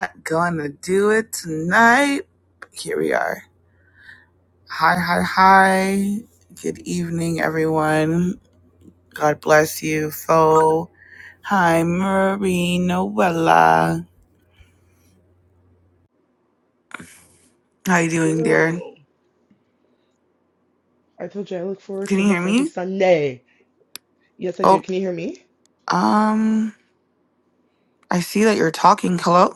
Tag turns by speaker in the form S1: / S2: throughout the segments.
S1: Not gonna do it tonight. Here we are. Hi, hi, hi. Good evening, everyone. God bless you. So, hi, Marie Noella. How you doing,
S2: Girl,
S1: dear?
S2: I told you I look forward
S1: Can
S2: to
S1: you hear
S2: this every
S1: me?
S2: Sunday. Yes, I do.
S1: Oh,
S2: Can you hear me?
S1: um, I see that you're talking. Hello?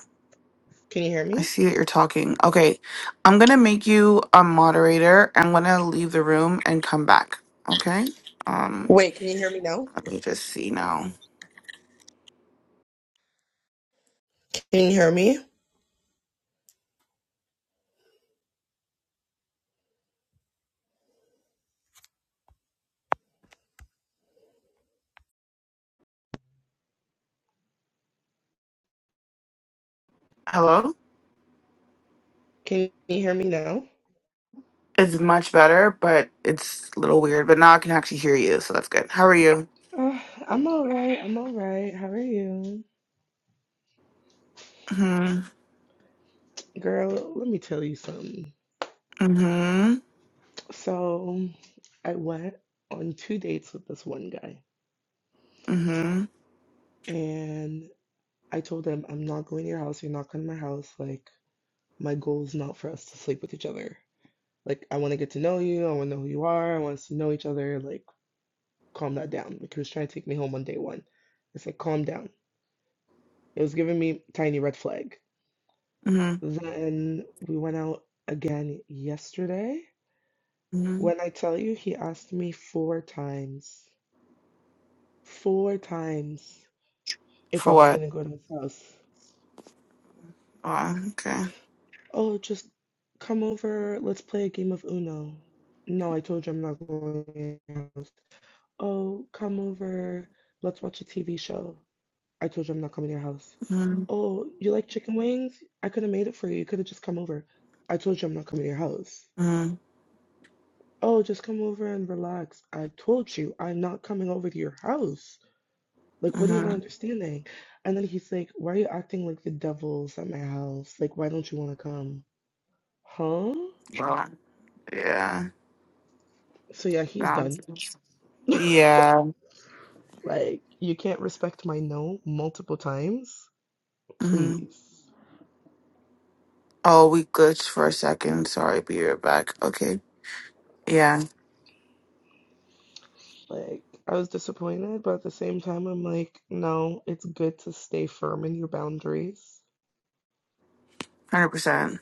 S2: Can you hear
S1: I
S2: me?
S1: see that you're talking. Okay, I'm gonna make you a moderator. I'm gonna leave the room and come back. Okay? Um,
S2: Wait, can you hear me now?
S1: let me just see now.
S2: Can you hear me?
S1: Hello?
S2: Can you hear me now?
S1: It's much better, but it's a little weird. But now I can actually hear you, so that's good. How are you?
S2: Uh, I'm all right. I'm all right. How are you?
S1: hmm
S2: Girl, let me tell you something.
S1: hmm
S2: So, I went on two dates with this one guy,
S1: hmm
S2: and I told him, I'm not going to your house. You're not coming to my house. Like, my goal is not for us to sleep with each other. Like, I want to get to know you. I want to know who you are. I want us to know each other. Like, calm that down. Like he was trying to take me home on day one. It's like calm down. It was giving me tiny red flag.
S1: hmm
S2: Then we went out again yesterday.
S1: hmm
S2: When I tell you, he asked me four times, four times if I
S1: For
S2: was
S1: what?
S2: gonna go to his house.
S1: Oh, okay.
S2: Oh, just come over. Let's play a game of Uno. No, I told you I'm not going to your house. Oh, come over. Let's watch a TV show. I told you I'm not coming to your house.
S1: hmm
S2: Oh, you like chicken wings? I could have made it for you. You could have just come over. I told you I'm not coming to your house.
S1: hmm
S2: Oh, just come over and relax. I told you I'm not coming over to your house. Like, what are you
S1: hmm
S2: not understanding? And then he's like, Why are you acting like the devil's at my house? Like, why don't you want to come? Huh?
S1: Well, yeah.
S2: So, yeah, he's done.
S1: Bounces. Yeah.
S2: Like, you can't respect my no multiple times.
S1: hmm
S2: Please.
S1: Oh, we glitched for a second. Sorry, be right back. Okay. Yeah.
S2: Like, I was disappointed, but at the same time, I'm like, no, it's good to stay firm in your boundaries.
S1: Hundred percent.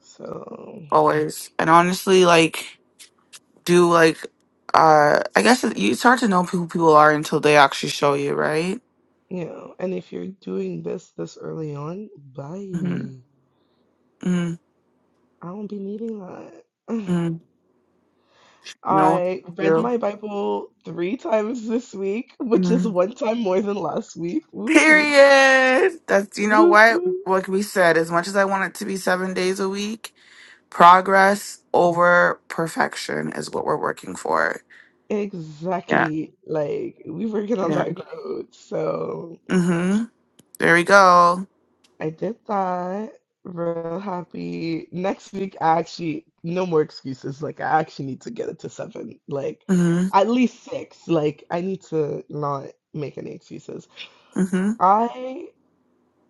S2: So,
S1: Always. And honestly, like, do like, uh, I guess it- you- it's hard to know who people are until they actually show you, right?
S2: you know, and if you're doing this this early on,
S1: Mm-hmm.
S2: bye.
S1: Mm,
S2: I won't be needing that.
S1: mm, no,
S2: I read
S1: you.
S2: my Bible three times this week, which is
S1: Mm.
S2: one time more than last week. Woo, woo,
S1: Period. That's you know
S2: woo,
S1: what.
S2: woo.
S1: Like we said, as much as I want it to be seven days a week, progress over perfection is what we're working for. Yeah.
S2: Exactly. Like, we working on
S1: Yeah.
S2: that growth. So.
S1: Mm-hmm. There we go.
S2: I did that. Real happy. Next week, I actually, no more excuses. Like, I actually need to get it to seven. Like,
S1: Mm-hmm.
S2: at least six. Like, I need to not make any excuses.
S1: Mm-hmm.
S2: I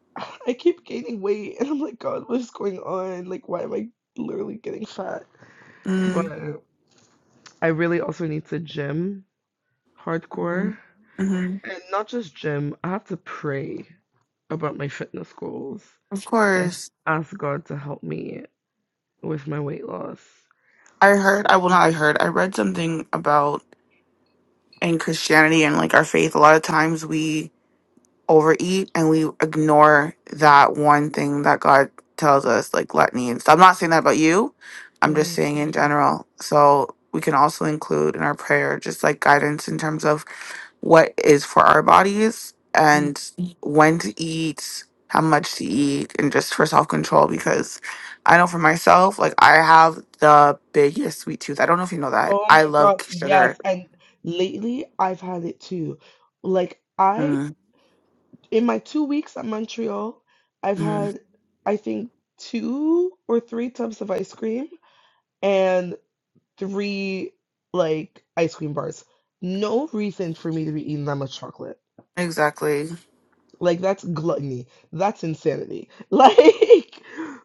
S2: I keep gaining weight and I'm like, God, what is going on? Like, why am I literally getting fat? But
S1: Mm-hmm.
S2: I really also need to gym hardcore.
S1: Mm-hmm.
S2: And not just gym, I have to pray about my fitness goals
S1: Of
S2: and
S1: course.
S2: ask God to help me with my weight loss.
S1: I heard. I well, not I heard. I read something about in Christianity and like our faith. A lot of times we overeat and we ignore that one thing that God tells us, like gluttony and stuff. I'm not saying that about you. I'm just
S2: hmm
S1: saying in general. So we can also include in our prayer just like guidance in terms of what is for our bodies and
S2: Mm.
S1: Mm. when to eat, how much to eat, and just for self control because I know for myself, like I have the biggest sweet tooth. I don't know if you know that.
S2: Oh
S1: I
S2: my
S1: love
S2: gosh,
S1: sugar.
S2: yes. And lately I've had it too. Like I in my two weeks at Montreal, I've
S1: Mm-hmm.
S2: had I think two or three tubs of ice cream and three like ice cream bars. No reason for me to be eating that much chocolate.
S1: Exactly.
S2: Like that's gluttony. That's insanity. Like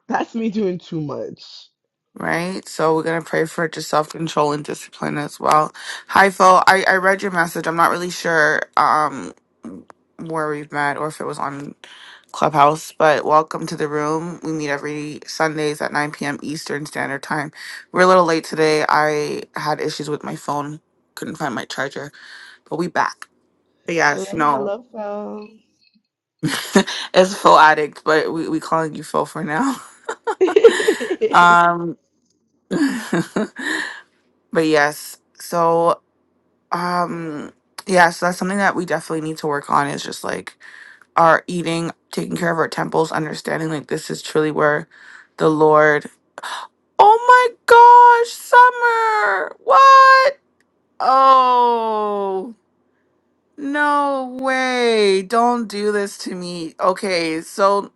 S2: that's me doing too much.
S1: right? So we're gonna pray for just self control and discipline as well. Hi, Phil. I I read your message. I'm not really sure um where we've met or if it was on Clubhouse, but welcome to the room. We meet every Sundays at 9 p.m. Eastern Standard Time. We're a little late today. I had issues with my phone, couldn't find my charger, but we back. But yes,
S2: Hello,
S1: no,
S2: hello, phone.
S1: it's Phil addict, but we we calling you Phil for now. Um, but yes, so. um yeah so that's something that we definitely need to work on is just like our eating taking care of our temples understanding like this is truly where the lord oh my gosh summer what oh no way don't do this to me okay so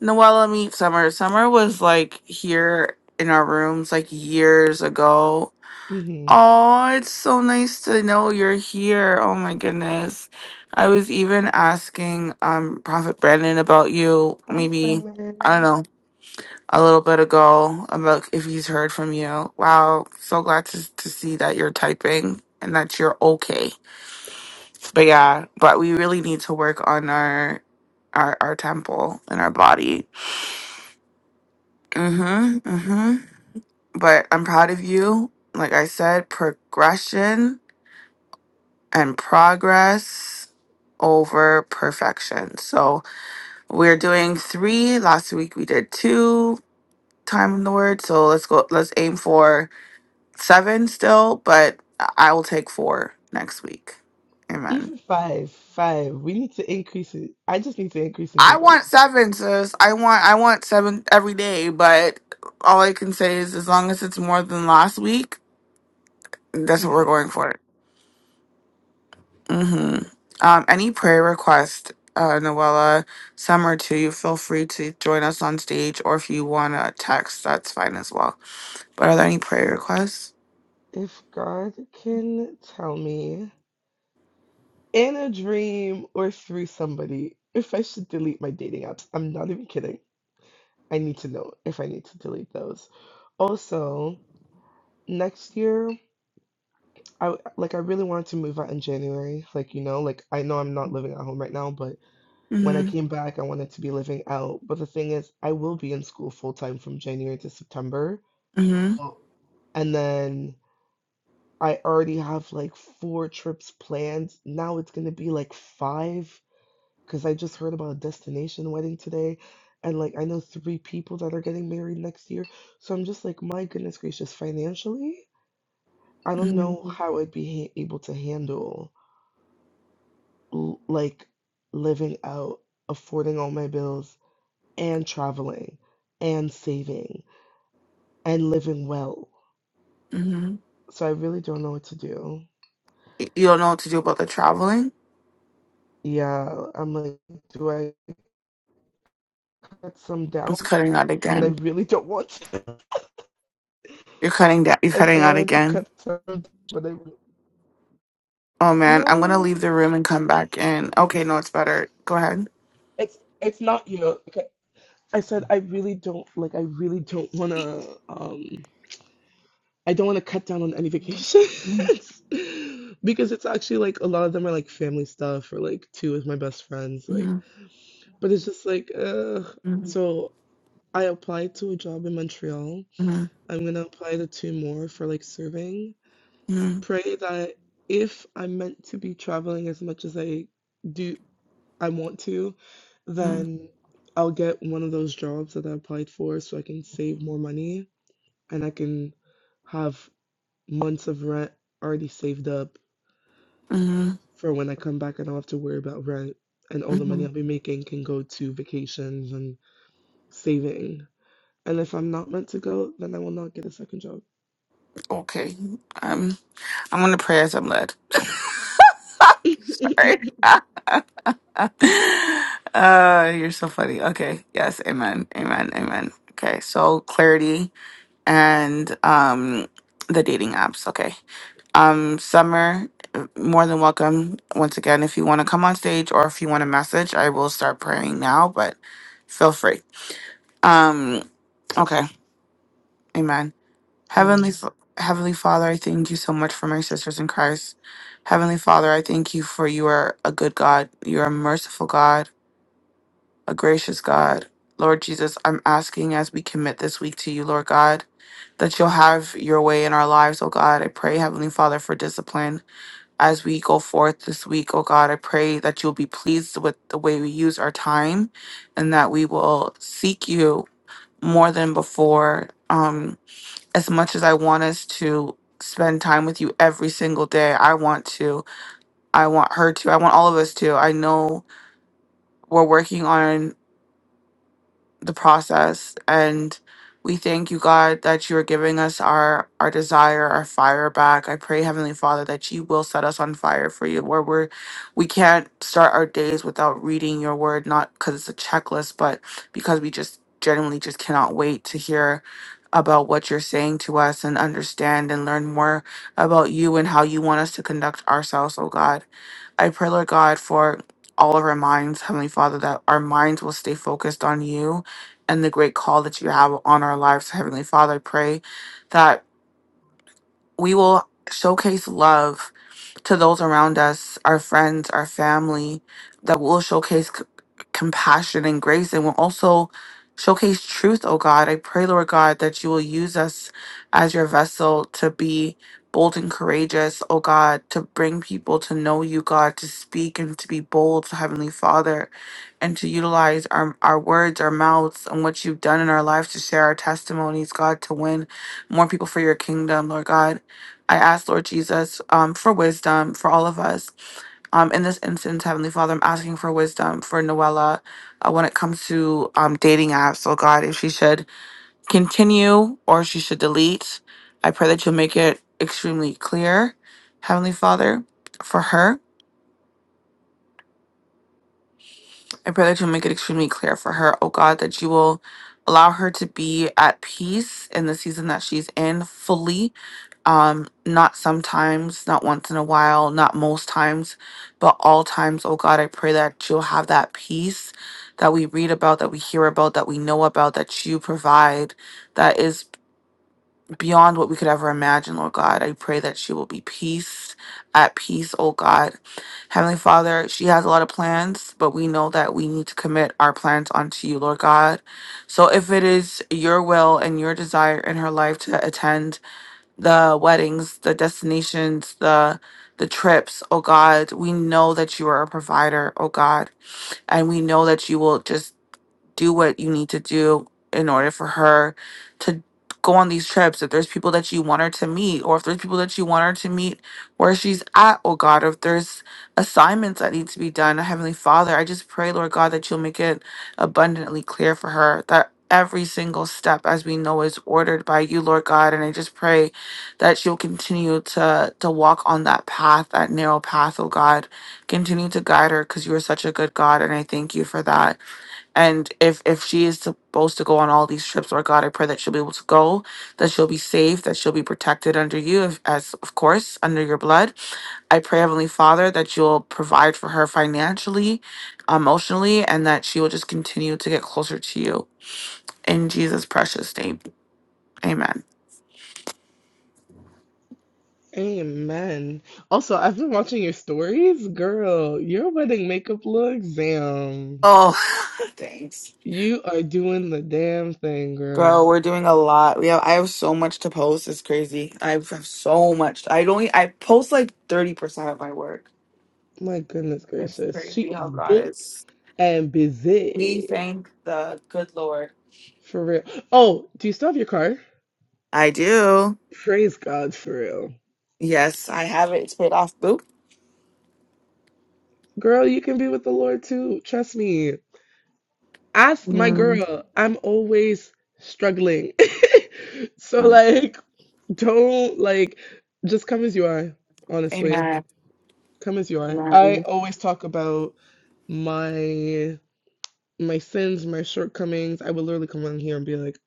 S1: noella meet summer summer was like here in our rooms like years ago
S2: hmm
S1: Oh, it's so nice to know you're here. Oh my goodness. I was even asking um Prophet Brandon about you
S2: Hi,
S1: maybe I don't
S2: Simon.
S1: know, a little bit ago about if he's heard from you. Wow, so glad to to see that you're typing and that you're okay. But yeah, but we really need to work on our our our temple and our body. Mhm. Mhm. But I'm proud of you. Like I said, progression and progress over perfection. So we're doing three. Last week we did two time in the word. So let's go let's aim for seven still, but I I will take four next week. Amen.
S2: Even five, five. We need to increase it. I just need to increase and do
S1: I
S2: better.
S1: want seven, sis. I want I want seven every day, but all I can say is as long as it's more than last week, that's what we're
S2: Yeah.
S1: going for. hmm Um, any prayer request, uh, Noella, some or two, you feel free to join us on stage, or if you want to text, that's fine as well. But are there any prayer requests?
S2: If God can tell me in a dream or through somebody if I should delete my dating apps, I'm not even kidding. I need to know if I need to delete those. Also, next year, I like I really wanted to move out in January. Like, you know, like I know I'm not living at home right now, but When I
S1: Mm-hmm.
S2: came back, I wanted to be living out. But the thing is, I will be in school full time from January to September.
S1: Mm-hmm.
S2: Oh, And then I already have like four trips planned. Now it's going to be like five because I just heard about a destination wedding today. And like, I know three people that are getting married next year. So I'm just like, my goodness gracious, financially, I don't know
S1: Mm-hmm.
S2: how I'd be ha able to handle l- like living out, affording all my bills and traveling and saving and living well.
S1: Mm-hmm.
S2: So I really don't know what to do.
S1: You don't know what to do about the traveling?
S2: Yeah, I'm like, do I cut some
S1: It's
S2: down?
S1: cutting out
S2: But I
S1: again.
S2: really don't want to.
S1: You're cutting down. You're
S2: I said I
S1: cutting out
S2: wanted to
S1: again.
S2: cut some, but I really,
S1: Oh man, I'm gonna
S2: no.
S1: leave the room and come back in. Okay, no, it's better. Go ahead.
S2: It's it's not you know. Okay. I said I really don't like. I really don't want to. Um, I don't want to cut down on any vacations
S1: Mhm,
S2: because it's actually like a lot of them are like family stuff or like two of my best friends like
S1: mhm,
S2: But it's just like, ugh.
S1: mhm,
S2: So I applied to a job in Montreal.
S1: mhm,
S2: I'm gonna apply to two more for like serving.
S1: mhm,
S2: Pray that if I'm meant to be traveling as much as I do, I want to, then I'll get one of those jobs that I applied for so I can save more money and I can have months of rent already saved up
S1: mhm,
S2: for when I come back. I don't have to worry about rent and all the money I'll
S1: mhm.
S2: be making can go to vacations and saving. And if I'm not meant to go, then I will not get a second job.
S1: Okay. um, I'm gonna pray as I'm led. Sorry. Uh, you're so funny. Okay. Yes. Amen. Amen. Amen. Okay. So clarity and um the dating apps. Okay. Um, Summer, uh, more than welcome once again. If you want to come on stage or if you want to message, I will start praying now. But feel free. Um. Okay. Amen. Heavenly,
S2: Amen.
S1: F- Heavenly Father, I thank you so much for my sisters in Christ. Heavenly Father, I thank you for you are a good God. You are a merciful God, a gracious God. Lord Jesus, I'm asking as we commit this week to you, Lord God, that you'll have your way in our lives, oh God. I pray, Heavenly Father, for discipline as we go forth this week, oh God. I pray that you'll be pleased with the way we use our time and that we will seek you more than before. Um, as much as I want us to spend time with you every single day, I want to. I want her to. I want all of us to. I know we're working on the process and we thank you god that you are giving us our our desire our fire back i pray heavenly father that you will set us on fire for you where we're we can't start our days without reading your word not because it's a checklist but because we just genuinely just cannot wait to hear about what you're saying to us and understand and learn more about you and how you want us to conduct ourselves oh god I pray, Lord God, for all of our minds, Heavenly Father, that our minds will stay focused on you and the great call that you have on our lives, Heavenly Father. I pray that we will showcase love to those around us, our friends, our family, that will showcase c- compassion and grace and will also showcase truth, oh God. I pray, Lord God, that you will use us as your vessel to be bold and courageous, oh God, to bring people to know you, God, to speak and to be bold, Heavenly Father, and to utilize our, our words, our mouths, and what you've done in our lives to share our testimonies, God, to win more people for your kingdom, Lord God. I ask, Lord Jesus, um, for wisdom for all of us. Um, in this instance, Heavenly Father, I'm asking for wisdom for Noella uh, when it comes to um, dating apps. Oh God, if she should continue or she should delete, I pray that you'll make it extremely clear, Heavenly Father, for her. I pray that you'll make it extremely clear for her, oh God, that you will allow her to be at peace in the season that she's in fully um not sometimes not once in a while not most times but all times oh god i pray that you'll have that peace that we read about that we hear about that we know about that you provide that is beyond what we could ever imagine lord god i pray that she will be peace at peace oh god heavenly father she has a lot of plans but we know that we need to commit our plans onto you lord god so if it is your will and your desire in her life to attend the weddings, the destinations, the the trips, oh God. We know that you are a provider, oh God. And we know that you will just do what you need to do in order for her to go on these trips. If there's people that you want her to meet, or if there's people that you want her to meet where she's at, oh God, or if there's assignments that need to be done, Heavenly Father, I just pray, Lord God, that you'll make it abundantly clear for her that every single step, as we know, is ordered by you, Lord God. And I just pray that she'll continue to to walk on that path, that narrow path, oh God. Continue to guide her because you are such a good God. And I thank you for that and if if she is supposed to go on all these trips lord god i pray that she'll be able to go that she'll be safe that she'll be protected under you if, as of course under your blood i pray heavenly father that you'll provide for her financially emotionally and that she will just continue to get closer to you in jesus precious name amen
S2: Amen. Also, I've been watching your stories. Girl, your wedding makeup looks, damn.
S1: oh thanks
S2: You are doing the damn thing, girl.
S1: girl we're doing a lot we have i have so much to post it's crazy i have so much i don't i post like 30% of my work
S2: My goodness
S1: It's
S2: gracious. She
S1: crazy how
S2: is
S1: God
S2: booked
S1: is.
S2: and
S1: We
S2: busy.
S1: thank the good Lord.
S2: For real. Oh, do you still have your car?
S1: I do.
S2: Praise God for real.
S1: Yes, I have it. It's paid off. Boo.
S2: Girl, you can be with the Lord too. Trust me. Ask my
S1: Mm.
S2: girl, I'm always struggling. So
S1: Oh,
S2: like don't like just come as you are, honestly.
S1: Amen.
S2: Come as you are. I
S1: Amen.
S2: always talk about my my sins, my shortcomings. I would literally come on here and be like,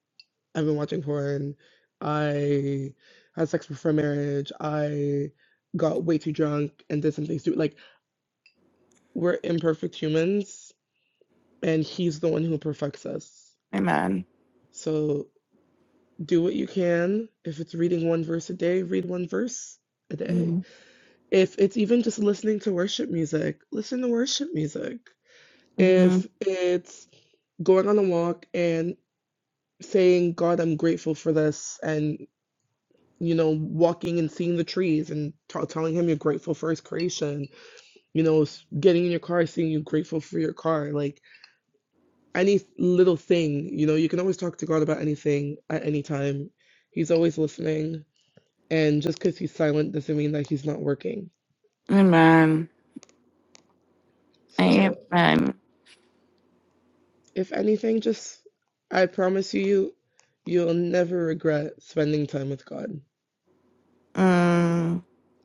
S2: I've been watching porn. I had sex before marriage. I got way too drunk and did some things too. Like, we're imperfect humans, and he's the one who perfects us.
S1: Amen.
S2: So do what you can. If it's reading one verse a day, read one verse a day.
S1: Mhm.
S2: If it's even just listening to worship music, listen to worship music.
S1: Mhm.
S2: If it's going on a walk and saying, God, I'm grateful for this, and you know, walking and seeing the trees and t- telling him you're grateful for his creation, you know, getting in your car, seeing you grateful for your car, like any little thing, you know, you can always talk to God about anything at any time. He's always listening And just because he's silent doesn't mean that he's not working.
S1: Amen.
S2: So,
S1: Amen.
S2: if anything, just I promise you, you'll never regret spending time with God.
S1: Mm.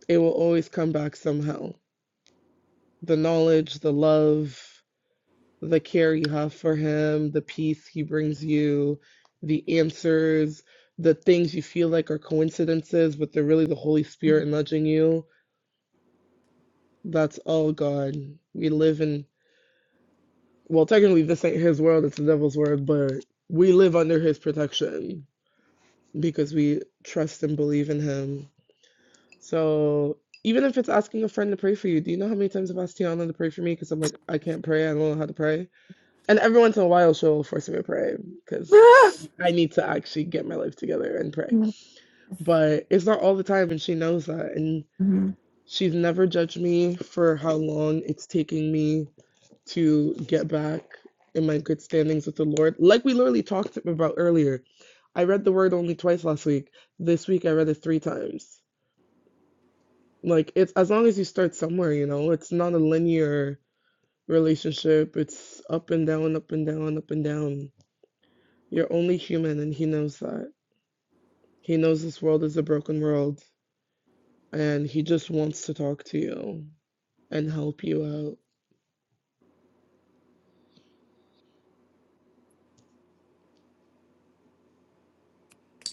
S2: It will always come back somehow. The knowledge, the love, the care you have for Him, the peace He brings you, the answers, the things you feel like are coincidences, but they're really the Holy Spirit nudging you. That's all God. We live in Well, technically, this ain't his world, it's the devil's world, but we live under his protection because we trust and believe in him. So even if it's asking a friend to pray for you, do you know how many times I've asked Tiana to pray for me because I'm like, I can't pray, I don't know how to pray. And every once in a while, she'll force me to pray because I need to actually get my life together and pray.
S1: Ah.
S2: But it's not all the time, and she knows that. And
S1: Mhm.
S2: she's never judged me for how long it's taking me to get back in my good standings with the Lord. Like we literally talked about earlier, I read the word only twice last week. This week I read it three times. Like it's as long as you start somewhere, you know, it's not a linear relationship. It's up and down, up and down, up and down. You're only human and he knows that. He knows this world is a broken world and he just wants to talk to you and help you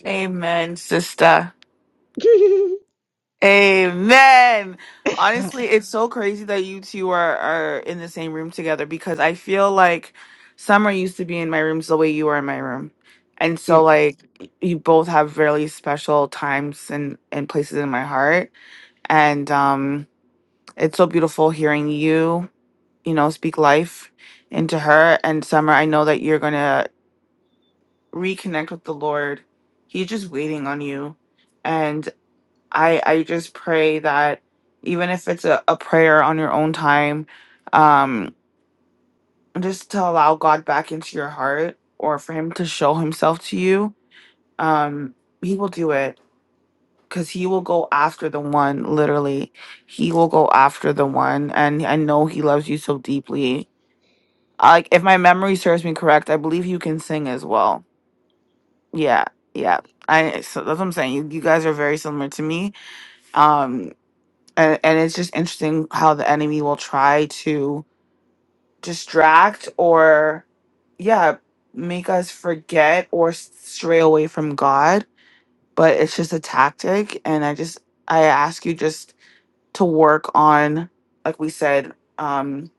S1: Amen, sister.
S2: out.
S1: Amen. Honestly, it's so crazy that you two are, are in the same room together because I feel like Summer used to be in my rooms the way you are in my room. And
S2: Yeah.
S1: so like you both have really special times and, and places in my heart. And um it's so beautiful hearing you, you know, speak life into her. And Summer, I know that you're gonna reconnect with the Lord. He's just waiting on you. I I just pray that even if it's a, a prayer on your own time, um, just to allow God back into your heart or for him to show himself to you, um, he will do it because he will go after the one, literally. He will go after the one and I know he loves you so deeply. Like if my memory serves me correct, I believe you can sing as well. Yeah, yeah. I so that's what I'm saying. You, you guys are very similar to me. Um and, and it's just interesting how the enemy will try to distract or yeah make us forget or s- stray away from god but it's just a tactic and i just i ask you just to work on like we said um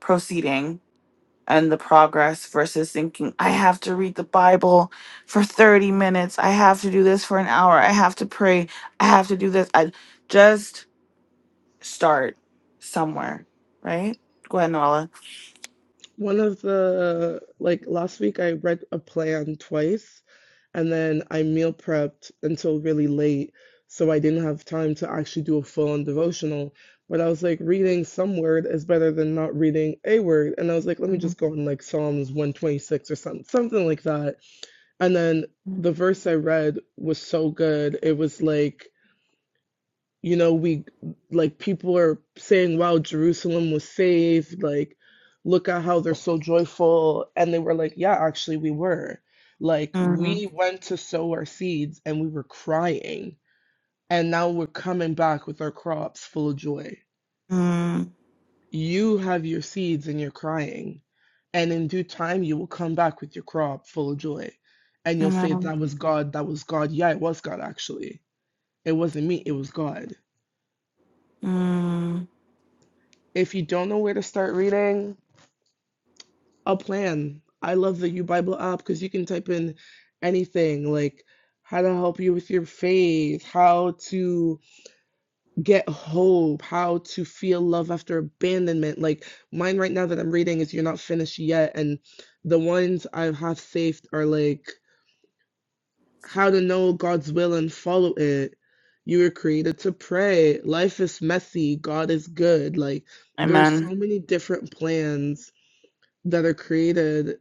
S1: proceeding and the progress versus thinking i have to read the bible for 30 minutes i have to do this for an hour i have to pray i have to do this i just start somewhere, right? Go ahead, Noella.
S2: One of the like last week I read a plan twice and then I meal prepped until really late, so I didn't have time to actually do a full-on devotional. But I was like reading some word is better than not reading a word. And I was like, let me
S1: Mhm.
S2: just go on like Psalms 126 or something something like that. And then the verse I read was so good. It was like you know we like people are saying wow jerusalem was saved like look at how they're so joyful and they were like yeah actually we were like
S1: Mm,
S2: we went to sow our seeds and we were crying and now we're coming back with our crops full of joy
S1: mm,
S2: you have your seeds and you're crying and in due time you will come back with your crop full of joy and you'll say
S1: Amen.
S2: that was god that was god yeah it was god actually it wasn't me it was god
S1: Mm,
S2: if you don't know where to start reading a plan. I love the U Bible app because you can type in anything like how to help you with your faith, how to get hope, how to feel love after abandonment. Like mine right now that I'm reading is You're Not Finished Yet. And the ones I have saved are like how to know God's will and follow it. You were created to pray. Life is messy. God is good. Like there are so
S1: Amen.
S2: many different plans that are created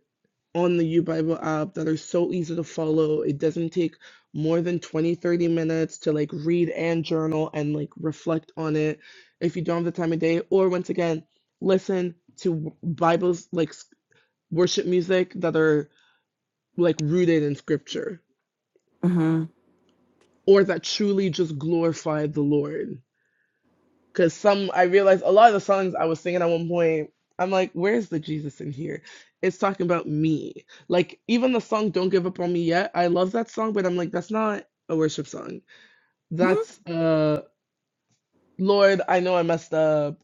S2: on the U Bible app that are so easy to follow. It doesn't take more than 20, 30 minutes to like read and journal and like reflect on it if you don't have the time of day. Or once again, listen to Bibles like worship music that are like rooted in scripture
S1: hmm
S2: or that truly just glorify the Lord. Because some, I realized a lot of the songs I was singing at one point, I'm like, where's the Jesus in here? It's talking about me. Like, even the song Don't Give Up on Me Yet, I love that song, but I'm like, that's not a worship song. That's, uh, Lord, I know I messed up.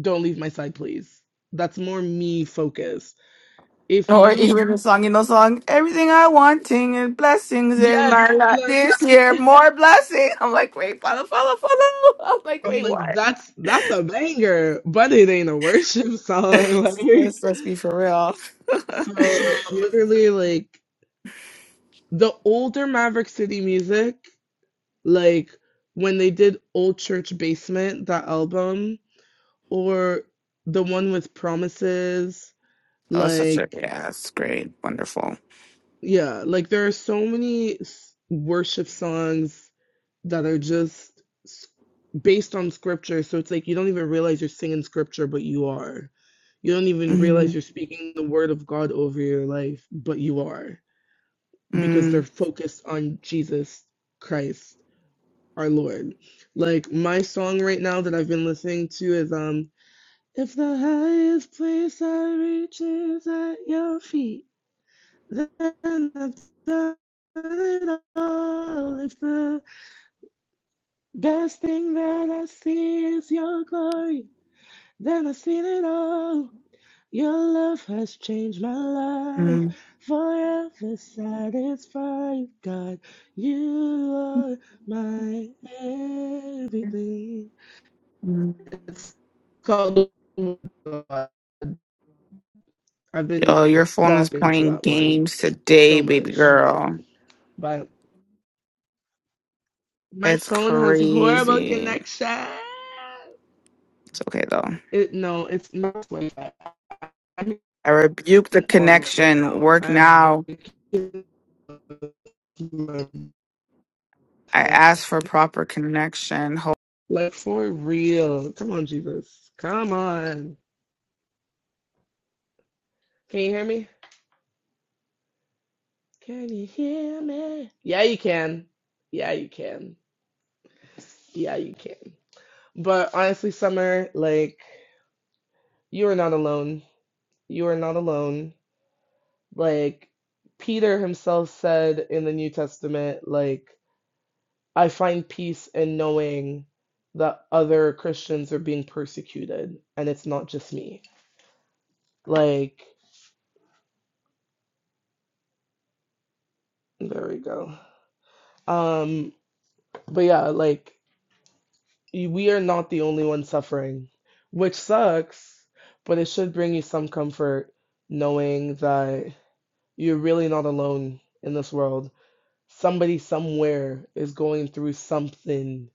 S2: Don't leave my side, please. That's more me focused. If
S1: Or
S2: you,
S1: even the song, you know, song, everything I wanting and blessings in my
S2: yes,
S1: life this
S2: like,
S1: year, more blessing. I'm like, wait, follow, follow, follow. I'm like,
S2: I'm
S1: wait,
S2: like,
S1: what?
S2: that's, that's a banger, but it ain't a worship song. Like,
S1: let's, let's be for real. oh, it's
S2: so literally, like, the older Maverick City music, like when they did Old Church Basement, that album, or the one with Promises,
S1: such a,
S2: like,
S1: yeah, it's great. Wonderful.
S2: yeah, like there are so many worship songs that are just based on scripture. So it's like you don't even realize you're singing scripture, but you are. You don't even
S1: Mm-hmm.
S2: realize you're speaking the word of God over your life, but you are, because they're
S1: Mm,
S2: focused on Jesus Christ our Lord. Like my song right now that I've been listening to is um if the highest place I reach is at your feet, then I've done it all. If the best thing that I see is your glory, then I've seen it all. Your love has changed my life, forever satisfied. God, you are my everything.
S1: mm,
S2: It's called. I've been
S1: Yo, your phone is
S2: bopping to
S1: playing
S2: that one
S1: games today,
S2: so
S1: baby
S2: much,
S1: girl.
S2: but my
S1: It's
S2: phone has horrible
S1: crazy.
S2: connection.
S1: It's okay though.
S2: It no, it's not Wi-Fi. I'm
S1: I rebuke the
S2: on right
S1: connection.
S2: now.
S1: Work
S2: I
S1: now. I ask for proper connection. Ho-
S2: like for real. Come on, Jesus. Come on. Can you hear me? Can you hear me? Yeah, you can. Yeah, you can. Yeah, you can. But honestly, Summer, like, you are not alone. You are not alone. Like, Peter himself said in the New Testament, like, I find peace in knowing that other Christians are being persecuted and it's not just me. Like, there we go. Um, but yeah, like, we are not the only ones suffering, which sucks, but it should bring you some comfort knowing that you're really not alone in this world somebody somewhere is going through something.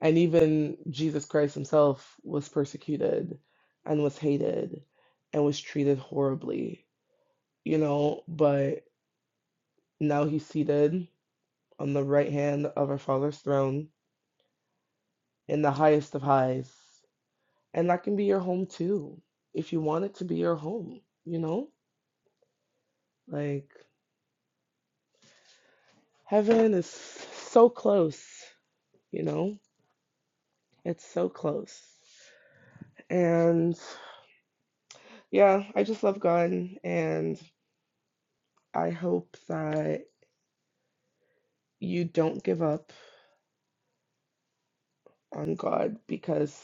S2: And even Jesus Christ himself was persecuted and was hated and was treated horribly, you know. But now he's seated on the right hand of our Father's throne in the highest of highs. And that can be your home too, if you want it to be your home, you know? Like, heaven is so close, you know? It's so close. and. Yeah, I just love God, and I hope that you don't give up on God because,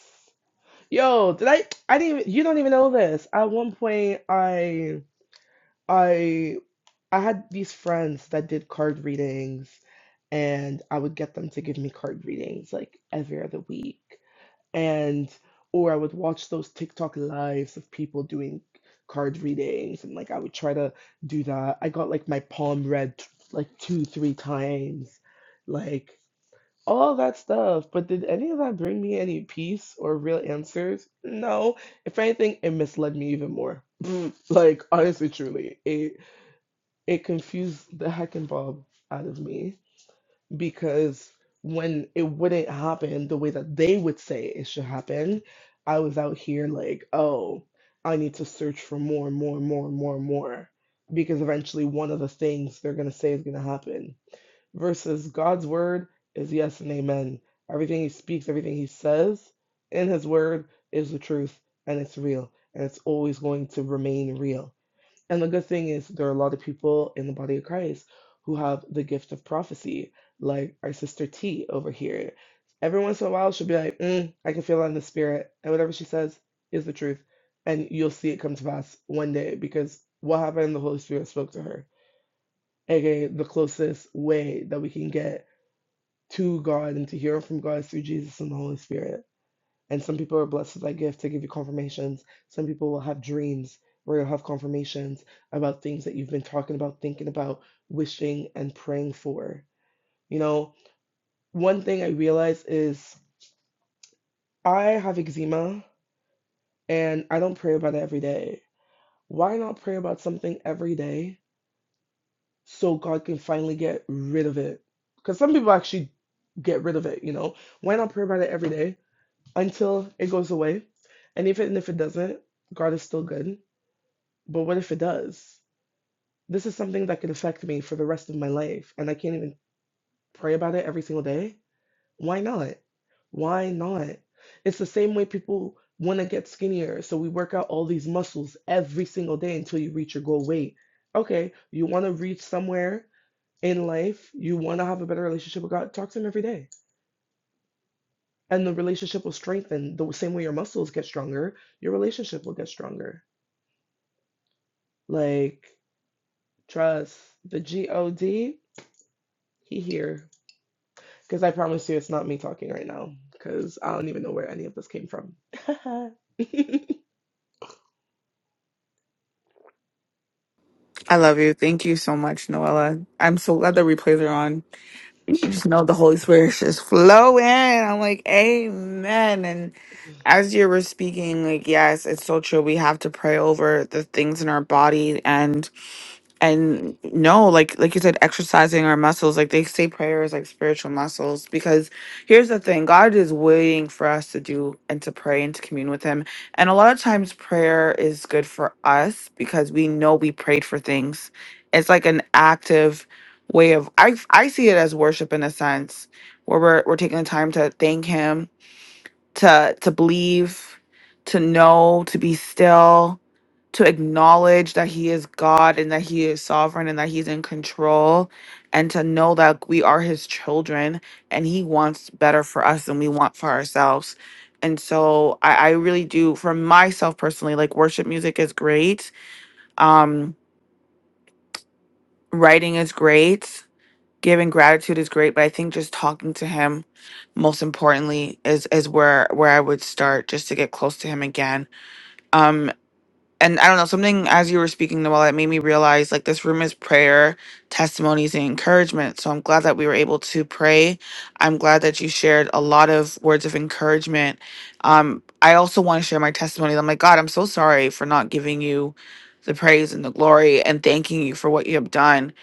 S2: yo, did I? I didn't even. You don't even know this. At one point, I, I, I had these friends that did card readings, and I would get them to give me card readings like every other week. and or I would watch those TikTok lives of people doing card readings and like I would try to do that. I got like my palm read t- like two, three times, like all that stuff. But did any of that bring me any peace or real answers? No. If anything, it misled me even more. Like honestly, truly, it it confused the heck and bob out of me because when it wouldn't happen the way that they would say it should happen, I was out here like, oh, I need to search for more, more, more, more, more, because eventually one of the things they're going to say is going to happen. Versus God's word is yes and amen. Everything he speaks, everything he says in his word is the truth and it's real and it's always going to remain real. And the good thing is, there are a lot of people in the body of Christ who have the gift of prophecy, like our sister T over here. Every once in a while, she'll be like, mm, I can feel that in the spirit. And whatever she says is the truth. And you'll see it come to pass one day because what happened, the Holy Spirit spoke to her. AKA, the closest way that we can get to God and to hear from God is through Jesus and the Holy Spirit. And some people are blessed with that gift to give you confirmations. Some people will have dreams where you'll have confirmations about things that you've been talking about, thinking about, wishing, and praying for. You know, one thing I realize is I have eczema and I don't pray about it every day. Why not pray about something every day so God can finally get rid of it? Because some people actually get rid of it, you know? Why not pray about it every day until it goes away? And even if it doesn't, God is still good But what if it does? This is something that could affect me for the rest of my life, and I can't even pray about it every single day. Why not? Why not? It's the same way people want to get skinnier. So we work out all these muscles every single day until you reach your goal weight. Okay, you want to reach somewhere in life, you want to have a better relationship with God, talk to Him every day. And the relationship will strengthen the same way your muscles get stronger, your relationship will get stronger. Like, trust the G O D, He here. Because I promise you, it's not me talking right now. Because I don't even know where any of this came from. I
S1: I love you. Thank you so much, Noella. I'm so glad the replays are on. You just know the Holy Spirit is just flowing. I'm like, Amen. And as you were speaking, like, yes, it's so true. We have to pray over the things in our body. and. and no like like you said exercising our muscles like they say prayer is like spiritual muscles because here's the thing god is waiting for us to do and to pray and to commune with him and a lot of times prayer is good for us because we know we prayed for things it's like an active way of i i see it as worship in a sense where we're, we're taking the time to thank him to to believe to know to be still to acknowledge that he is God and that he is sovereign and that he's in control and to know that we are his children and he wants better for us than we want for ourselves. And so I, I really do for myself personally, like worship music is great. Um, writing is great, giving gratitude is great, but I think just talking to him most importantly is is where where I would start just to get close to him again Um, and I don't know, something as you were speaking, Noel, that made me realize like this room is prayer, testimonies, and encouragement. So I'm glad that we were able to pray. I'm glad that you shared a lot of words of encouragement. Um, I also want to share my testimony. I'm like, God, I'm so sorry for not giving you the praise and the glory and thanking you for what you have done.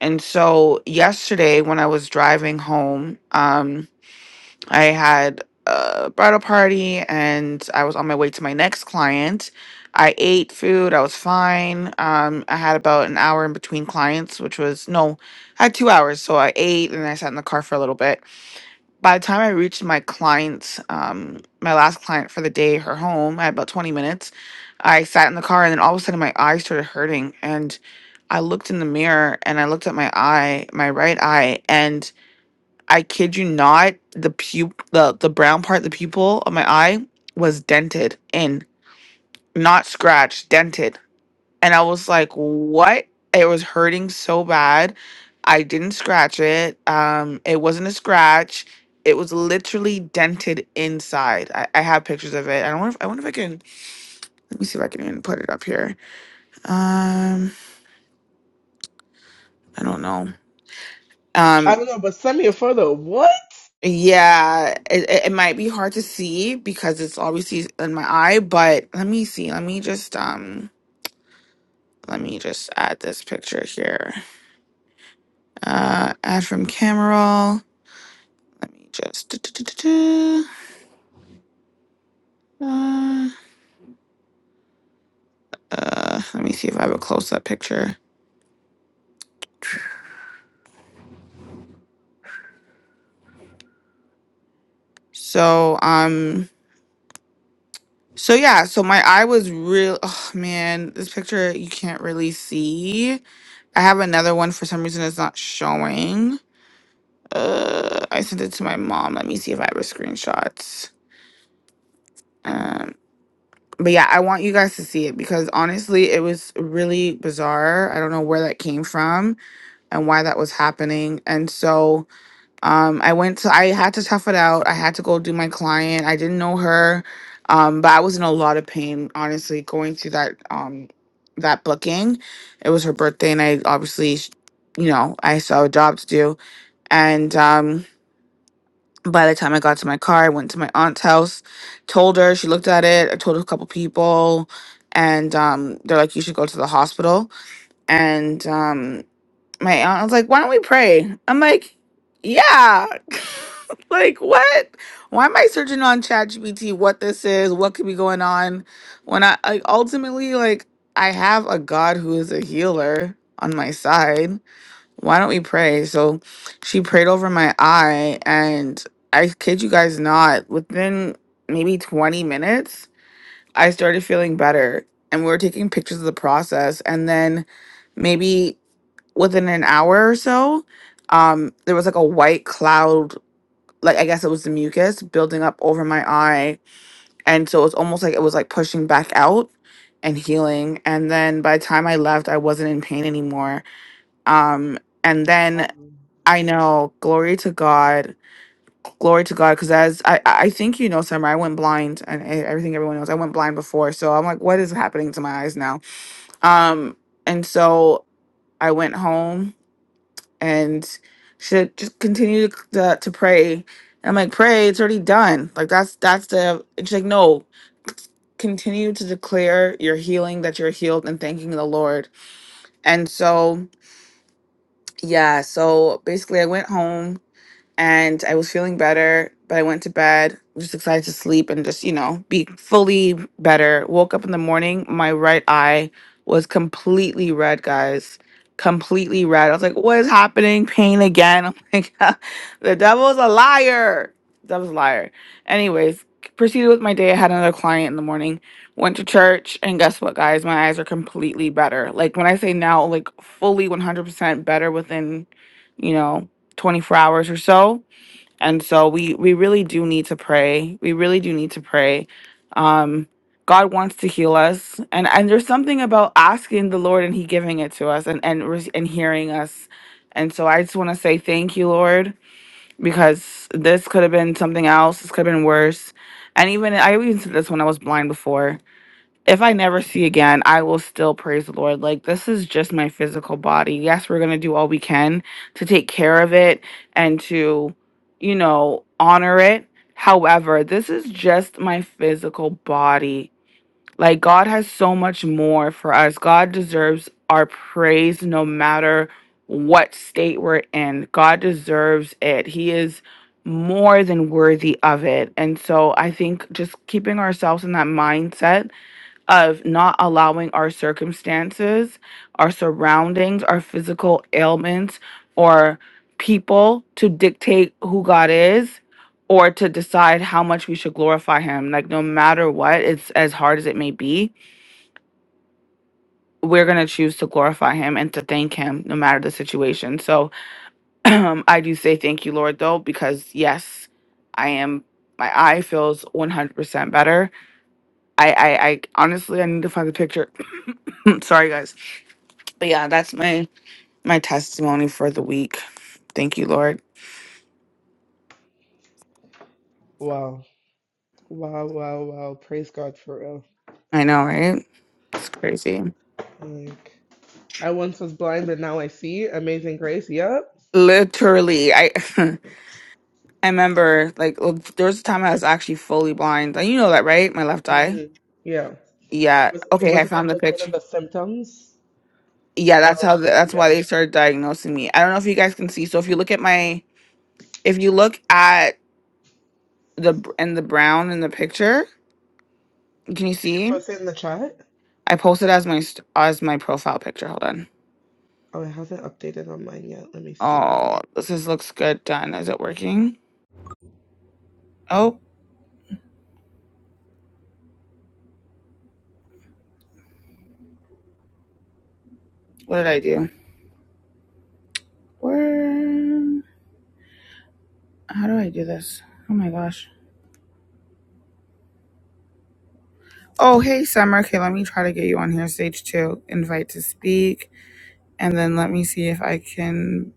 S1: And so yesterday when I was driving home, um, I had a bridal party and I was on my way to my next client. I ate food, I was fine. Um, I had about an hour in between clients, which was no, I had two hours. So I ate and I sat in the car for a little bit. By the time I reached my client's, um, my last client for the day, her home, I had about 20 minutes. I sat in the car and then all of a sudden my eye started hurting. And I looked in the mirror and I looked at my eye, my right eye, and. I kid you not, the pu the the brown part, the pupil of my eye was dented and not scratched, dented. And I was like, "What?" It was hurting so bad. I didn't scratch it. Um, it wasn't a scratch. It was literally dented inside. I, I have pictures of it. I don't know if I wonder if I can let me see if I can even put it up here. Um, I don't know. Um,
S2: don't know, but send me a photo. What?
S1: Yeah, it, it it might be hard to see because it's obviously in my eye, but let me see. Let me just um let me just add this picture here. Uh add from camera. roll. Let me just du- du- du- du- du. uh, uh let me see if I have a close up picture. So um so yeah, so my eye was real oh man, this picture you can't really see. I have another one for some reason it's not showing. Uh, I sent it to my mom. Let me see if I have a screenshots. Um, but yeah, I want you guys to see it because honestly, it was really bizarre. I don't know where that came from and why that was happening. And so, um, I went to, I had to tough it out. I had to go do my client. I didn't know her, um, but I was in a lot of pain. Honestly, going through that, um, that booking. It was her birthday, and I obviously, you know, I still have a job to do, and um. by the time I got to my car, I went to my aunt's house, told her, she looked at it, I told a couple people, and um, they're like, you should go to the hospital. And um, my aunt was like, why don't we pray? I'm like, yeah. like, what? Why am I searching on ChatGPT what this is, what could be going on? When I, like, ultimately, like, I have a God who is a healer on my side why don't we pray? So she prayed over my eye, and I kid you guys not, within maybe 20 minutes, I started feeling better. And we were taking pictures of the process. And then maybe within an hour or so, um, there was like a white cloud, like I guess it was the mucus building up over my eye. And so it was almost like it was like pushing back out and healing. And then by the time I left, I wasn't in pain anymore. Um, and then I know. Glory to God. Glory to God. Because as I, I I think you know, Summer, I went blind, and e- everything everyone knows, I went blind before. So I'm like, what is happening to my eyes now? Um, and so I went home and she said, just continue to, to to pray. And I'm like, pray. It's already done. Like that's that's the. And She's like no. Continue to declare your healing that you're healed and thanking the Lord. And so yeah. So basically, I went home and I was feeling better, but I went to bed, just excited to sleep and just, you know, be fully better. Woke up in the morning, my right eye was completely red, guys. Completely red. I was like, what is happening? Pain again. I'm like, the devil's a liar. The devil's a liar. Anyways, proceeded with my day. I had another client in the morning, went to church, and guess what, guys? My eyes are completely better. Like, when I say now, like, fully 100% better within, you know, 24 hours or so. And so we we really do need to pray. We really do need to pray. Um God wants to heal us. And and there's something about asking the Lord and he giving it to us and and re- and hearing us. And so I just want to say thank you, Lord, because this could have been something else. This could have been worse. And even I even said this when I was blind before if I never see again, I will still praise the Lord. Like, this is just my physical body. Yes, we're going to do all we can to take care of it and to, you know, honor it. However, this is just my physical body. Like, God has so much more for us. God deserves our praise no matter what state we're in. God deserves it. He is more than worthy of it. And so I think just keeping ourselves in that mindset of not allowing our circumstances, our surroundings, our physical ailments, or people to dictate who God is or to decide how much we should glorify Him. Like, no matter what, it's as hard as it may be, we're going to choose to glorify Him and to thank Him no matter the situation. So, I do say thank you, Lord, though, because yes, I am. My eye feels 100% better. I, I, I honestly, I need to find the picture. Sorry, guys. But yeah, that's my my testimony for the week. Thank you, Lord.
S2: Wow. Wow, wow, wow. Praise God for real.
S1: I know, right? It's crazy.
S2: Like, I once was blind, but now I see. Amazing grace. Yep.
S1: Literally, I I remember like l- there was a time I was actually fully blind. And you know that, right? My left eye.
S2: hmm Yeah.
S1: Yeah.
S2: Was,
S1: Okay, I
S2: wasn't that
S1: found the
S2: like one of
S1: picture.
S2: the symptoms?
S1: Yeah,
S2: of
S1: that's how the, that's
S2: yeah.
S1: why they started diagnosing me. I don't know if you guys can see. So if you look at my if you look at the br- in the brown in the picture, can you
S2: Did you
S1: see?
S2: post it in the chat?
S1: I posted as my st- as my profile picture. Hold on.
S2: Oh, it hasn't updated on mine yet. Let me see.
S1: Oh, this is, looks good done. Is it working? Oh, what did I do? Where? How do I do this? Oh my gosh. Oh, hey, Summer. Okay, let me try to get you on here, stage two. Invite to speak. And then let me see if I can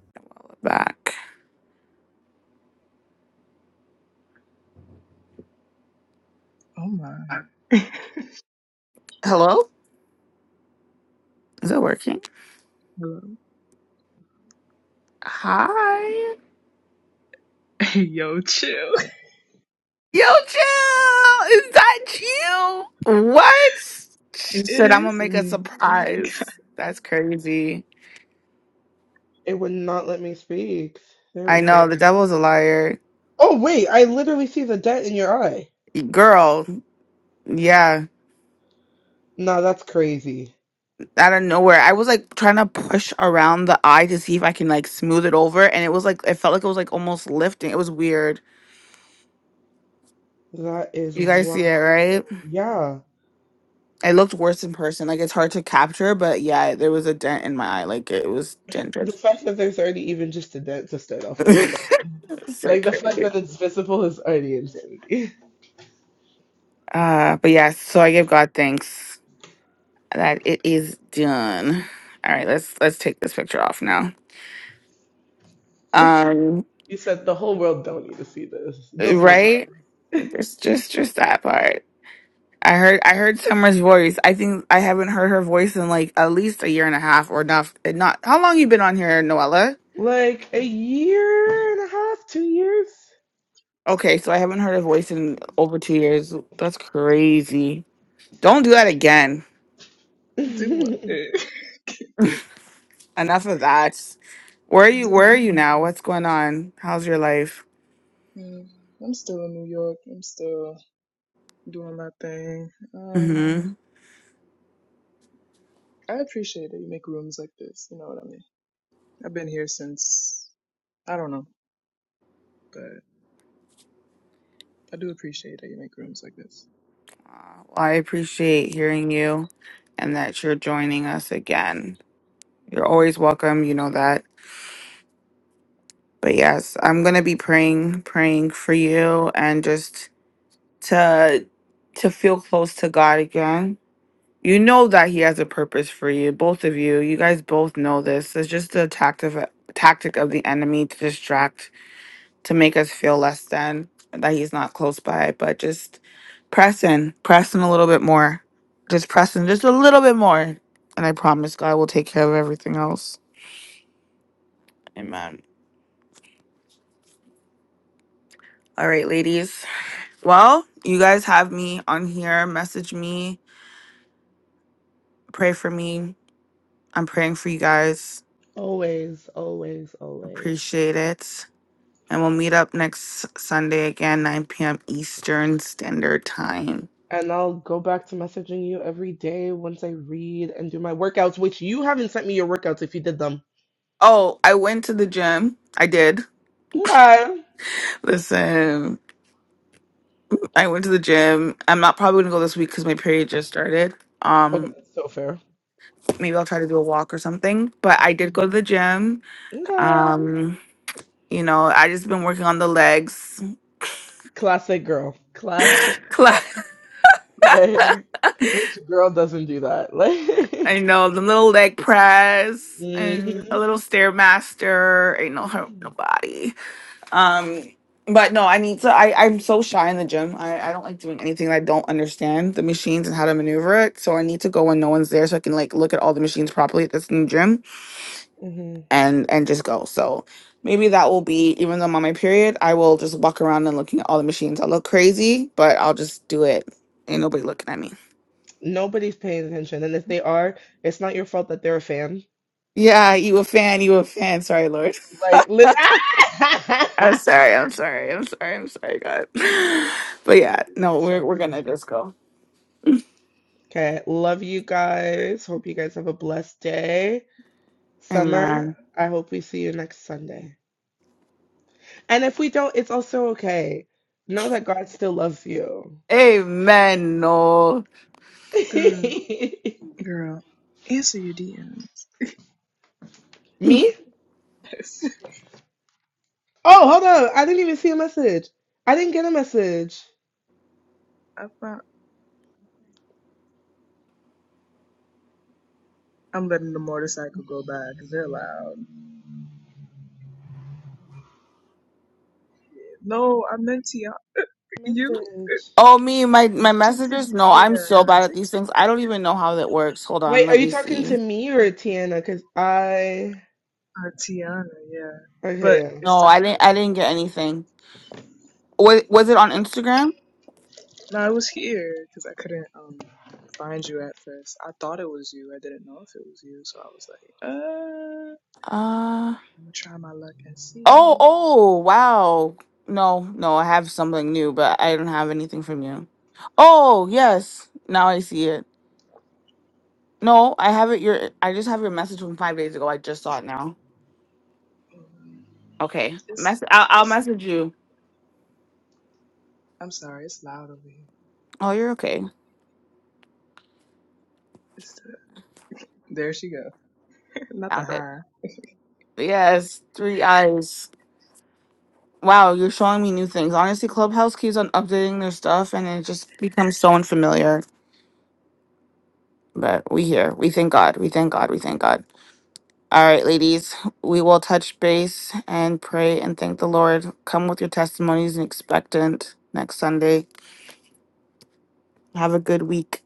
S1: back.
S3: Oh my.
S1: Hello? Is it working?
S3: Hello.
S1: Hi.
S3: Yo, chill.
S1: Yo, chill. Is that you? What? She
S3: It
S1: said, I'm going to
S3: is
S1: make a
S3: me. Oh my god.
S1: surprise. That's crazy.
S2: It would not let me speak. There
S1: I
S2: we go.
S1: know. The devil's a liar.
S2: Oh wait, I literally see the dent in your eye.
S1: Girl. Yeah.
S2: Nah, that's crazy.
S1: out of nowhere. I was like trying to push around the eye to see if I can like smooth it over, and it was like it felt like it was like almost lifting. It was weird.
S2: That is
S1: You guys see it, right?
S2: wild. Yeah.
S1: It looked worse in person. Like it's hard to capture, but yeah, there was a dent in my eye. Like it was
S2: The
S1: dented.
S2: fact that there's already even just a dent to start off with is
S1: so
S2: like the fact
S1: crazy.
S2: that it's visible is already insanity.
S1: Uh, but yeah, so I give God thanks that it is done. All right, let's let's take this picture off now. Um,
S2: You said the whole world don't need to see this. Just my girl.
S1: right? Just just just that part. I heard I heard Summer's voice. I think I haven't heard her voice in like at least a year and a half or not. Not how long you been on here, Noella?
S2: Like a year and a half, two
S1: Okay, so I haven't heard her voice in over two years. That's crazy. Don't do that again.
S3: Do what?
S2: years.
S3: Eh.
S1: Enough of that. Where are you?
S3: what am
S1: Where are
S3: I
S1: you
S3: doing?
S1: now? What's going on? How's your life?
S3: Yeah, I'm still in New York. I'm still doing my thing. Um,
S1: Mm-hmm.
S3: I appreciate that you make rooms like this. You know what I mean? I've been here since I don't know, but I do appreciate that you make rooms like this.
S1: Well, I appreciate hearing you, and that you're joining us again. You're always welcome. You know that. But yes, I'm gonna be praying, praying for you, and just to to feel close to God again. You know that He has a purpose for you, both of you. You guys both know this. It's just a tactic tactic of the enemy to distract, to make us feel less than that He's not close by. But just press in, press in a little bit more, just press in just a little bit more, and I promise God will take care of everything else. Amen. All right, ladies. Well, you guys have me on here. Message me, pray for me. I'm praying for you guys
S2: always, always, always.
S1: Appreciate it. And we'll meet up next Sunday again, 9 p.m. Eastern Standard Time.
S2: And I'll go back to messaging you every day once I read and do my workouts, which you haven't sent me your workouts if you did them.
S1: Oh, I went to the gym. I did.
S2: Okay.
S1: Listen, I went to the gym. I'm not probably gonna go this week because my period just started.
S2: Okay,
S1: Um,
S2: that's so fair.
S1: maybe I'll try to do a walk or something. But I did go to the gym.
S2: Okay.
S1: Um, you know, I just been working on the legs.
S2: Classic girl. Classic. Like, which girl doesn't do that?
S1: I
S2: Like,
S1: know the little leg press
S2: hmm
S1: and a little stairmaster. Ain't no hurt nobody. Um, but no, I need to. I I'm so shy in the gym. I I don't like doing anything that I don't understand the machines and how to maneuver it. So I need to go when no one's there, so I can like look at all the machines properly at this new gym
S2: hmm
S1: and and just go. So maybe that will be even though I'm on my period, I will just walk around and looking at all the machines. I'll look crazy, but I'll just do it. Ain't nobody looking at me.
S2: Nobody's paying attention. And if they are, it's not your fault that they're a fan.
S1: Yeah, you a fan, you a fan. Sorry, Lord.
S2: Like, lit-
S1: I'm sorry, I'm sorry, I'm sorry, I'm sorry, God. But yeah, no, we're
S2: so
S1: we're gonna
S2: funny.
S1: just go.
S2: Okay. Love you guys. Hope you guys have a blessed day.
S1: Amen.
S2: Summer, I hope we see you next Sunday. And if we don't, it's also okay. Know that God still loves you.
S1: Amen. No.
S3: Girl, girl, answer your DMs.
S2: Me? Oh, hold on. I didn't even see a message. I didn't get a message.
S3: I found, I'm letting the motorcycle go by 'cause they're loud. No, I meant Tiana. You,
S2: Message.
S1: Oh, me, my my messengers. No,
S3: yeah,
S1: I'm so bad at these things. I don't even know how that works. Hold on,
S2: Wait, are
S1: let
S2: you
S1: me
S2: talking to
S1: see.
S2: me or Tiana? Because I.
S3: uh, Tiana, yeah. But
S2: Okay. yeah.
S3: it's
S1: No,
S3: the
S1: I
S3: um,
S1: didn't. I didn't get anything. Was was it on Instagram?
S3: no, I was here because I couldn't um find you at first. I thought it was you. I didn't know if it was you, so I was like, uh,
S1: Uh.
S3: I'm gonna try my luck and
S1: Oh.
S3: see.
S1: Oh. Wow. No. No. I have something new, but I don't have anything from you. Oh yes. Now I see it. No, I have it. Your. I just have your message from five days ago. I just saw it now.
S3: Um,
S1: Okay.
S3: It's,
S1: Mess. I'll, I'll
S3: it's.
S1: message you.
S3: I'm sorry, it's loud over here.
S1: Oh, you're okay.
S3: It's the, there she go. Not the
S1: Found it.
S3: high.
S1: Yes. Three eyes. Wow, you're showing me new things. Honestly, Clubhouse keeps on updating their stuff and it just becomes so unfamiliar. But we here. We thank God. We thank God. We thank God. All right, ladies, we will touch base and pray and thank the Lord. Come with your testimonies and expectant next Sunday. Have a good week.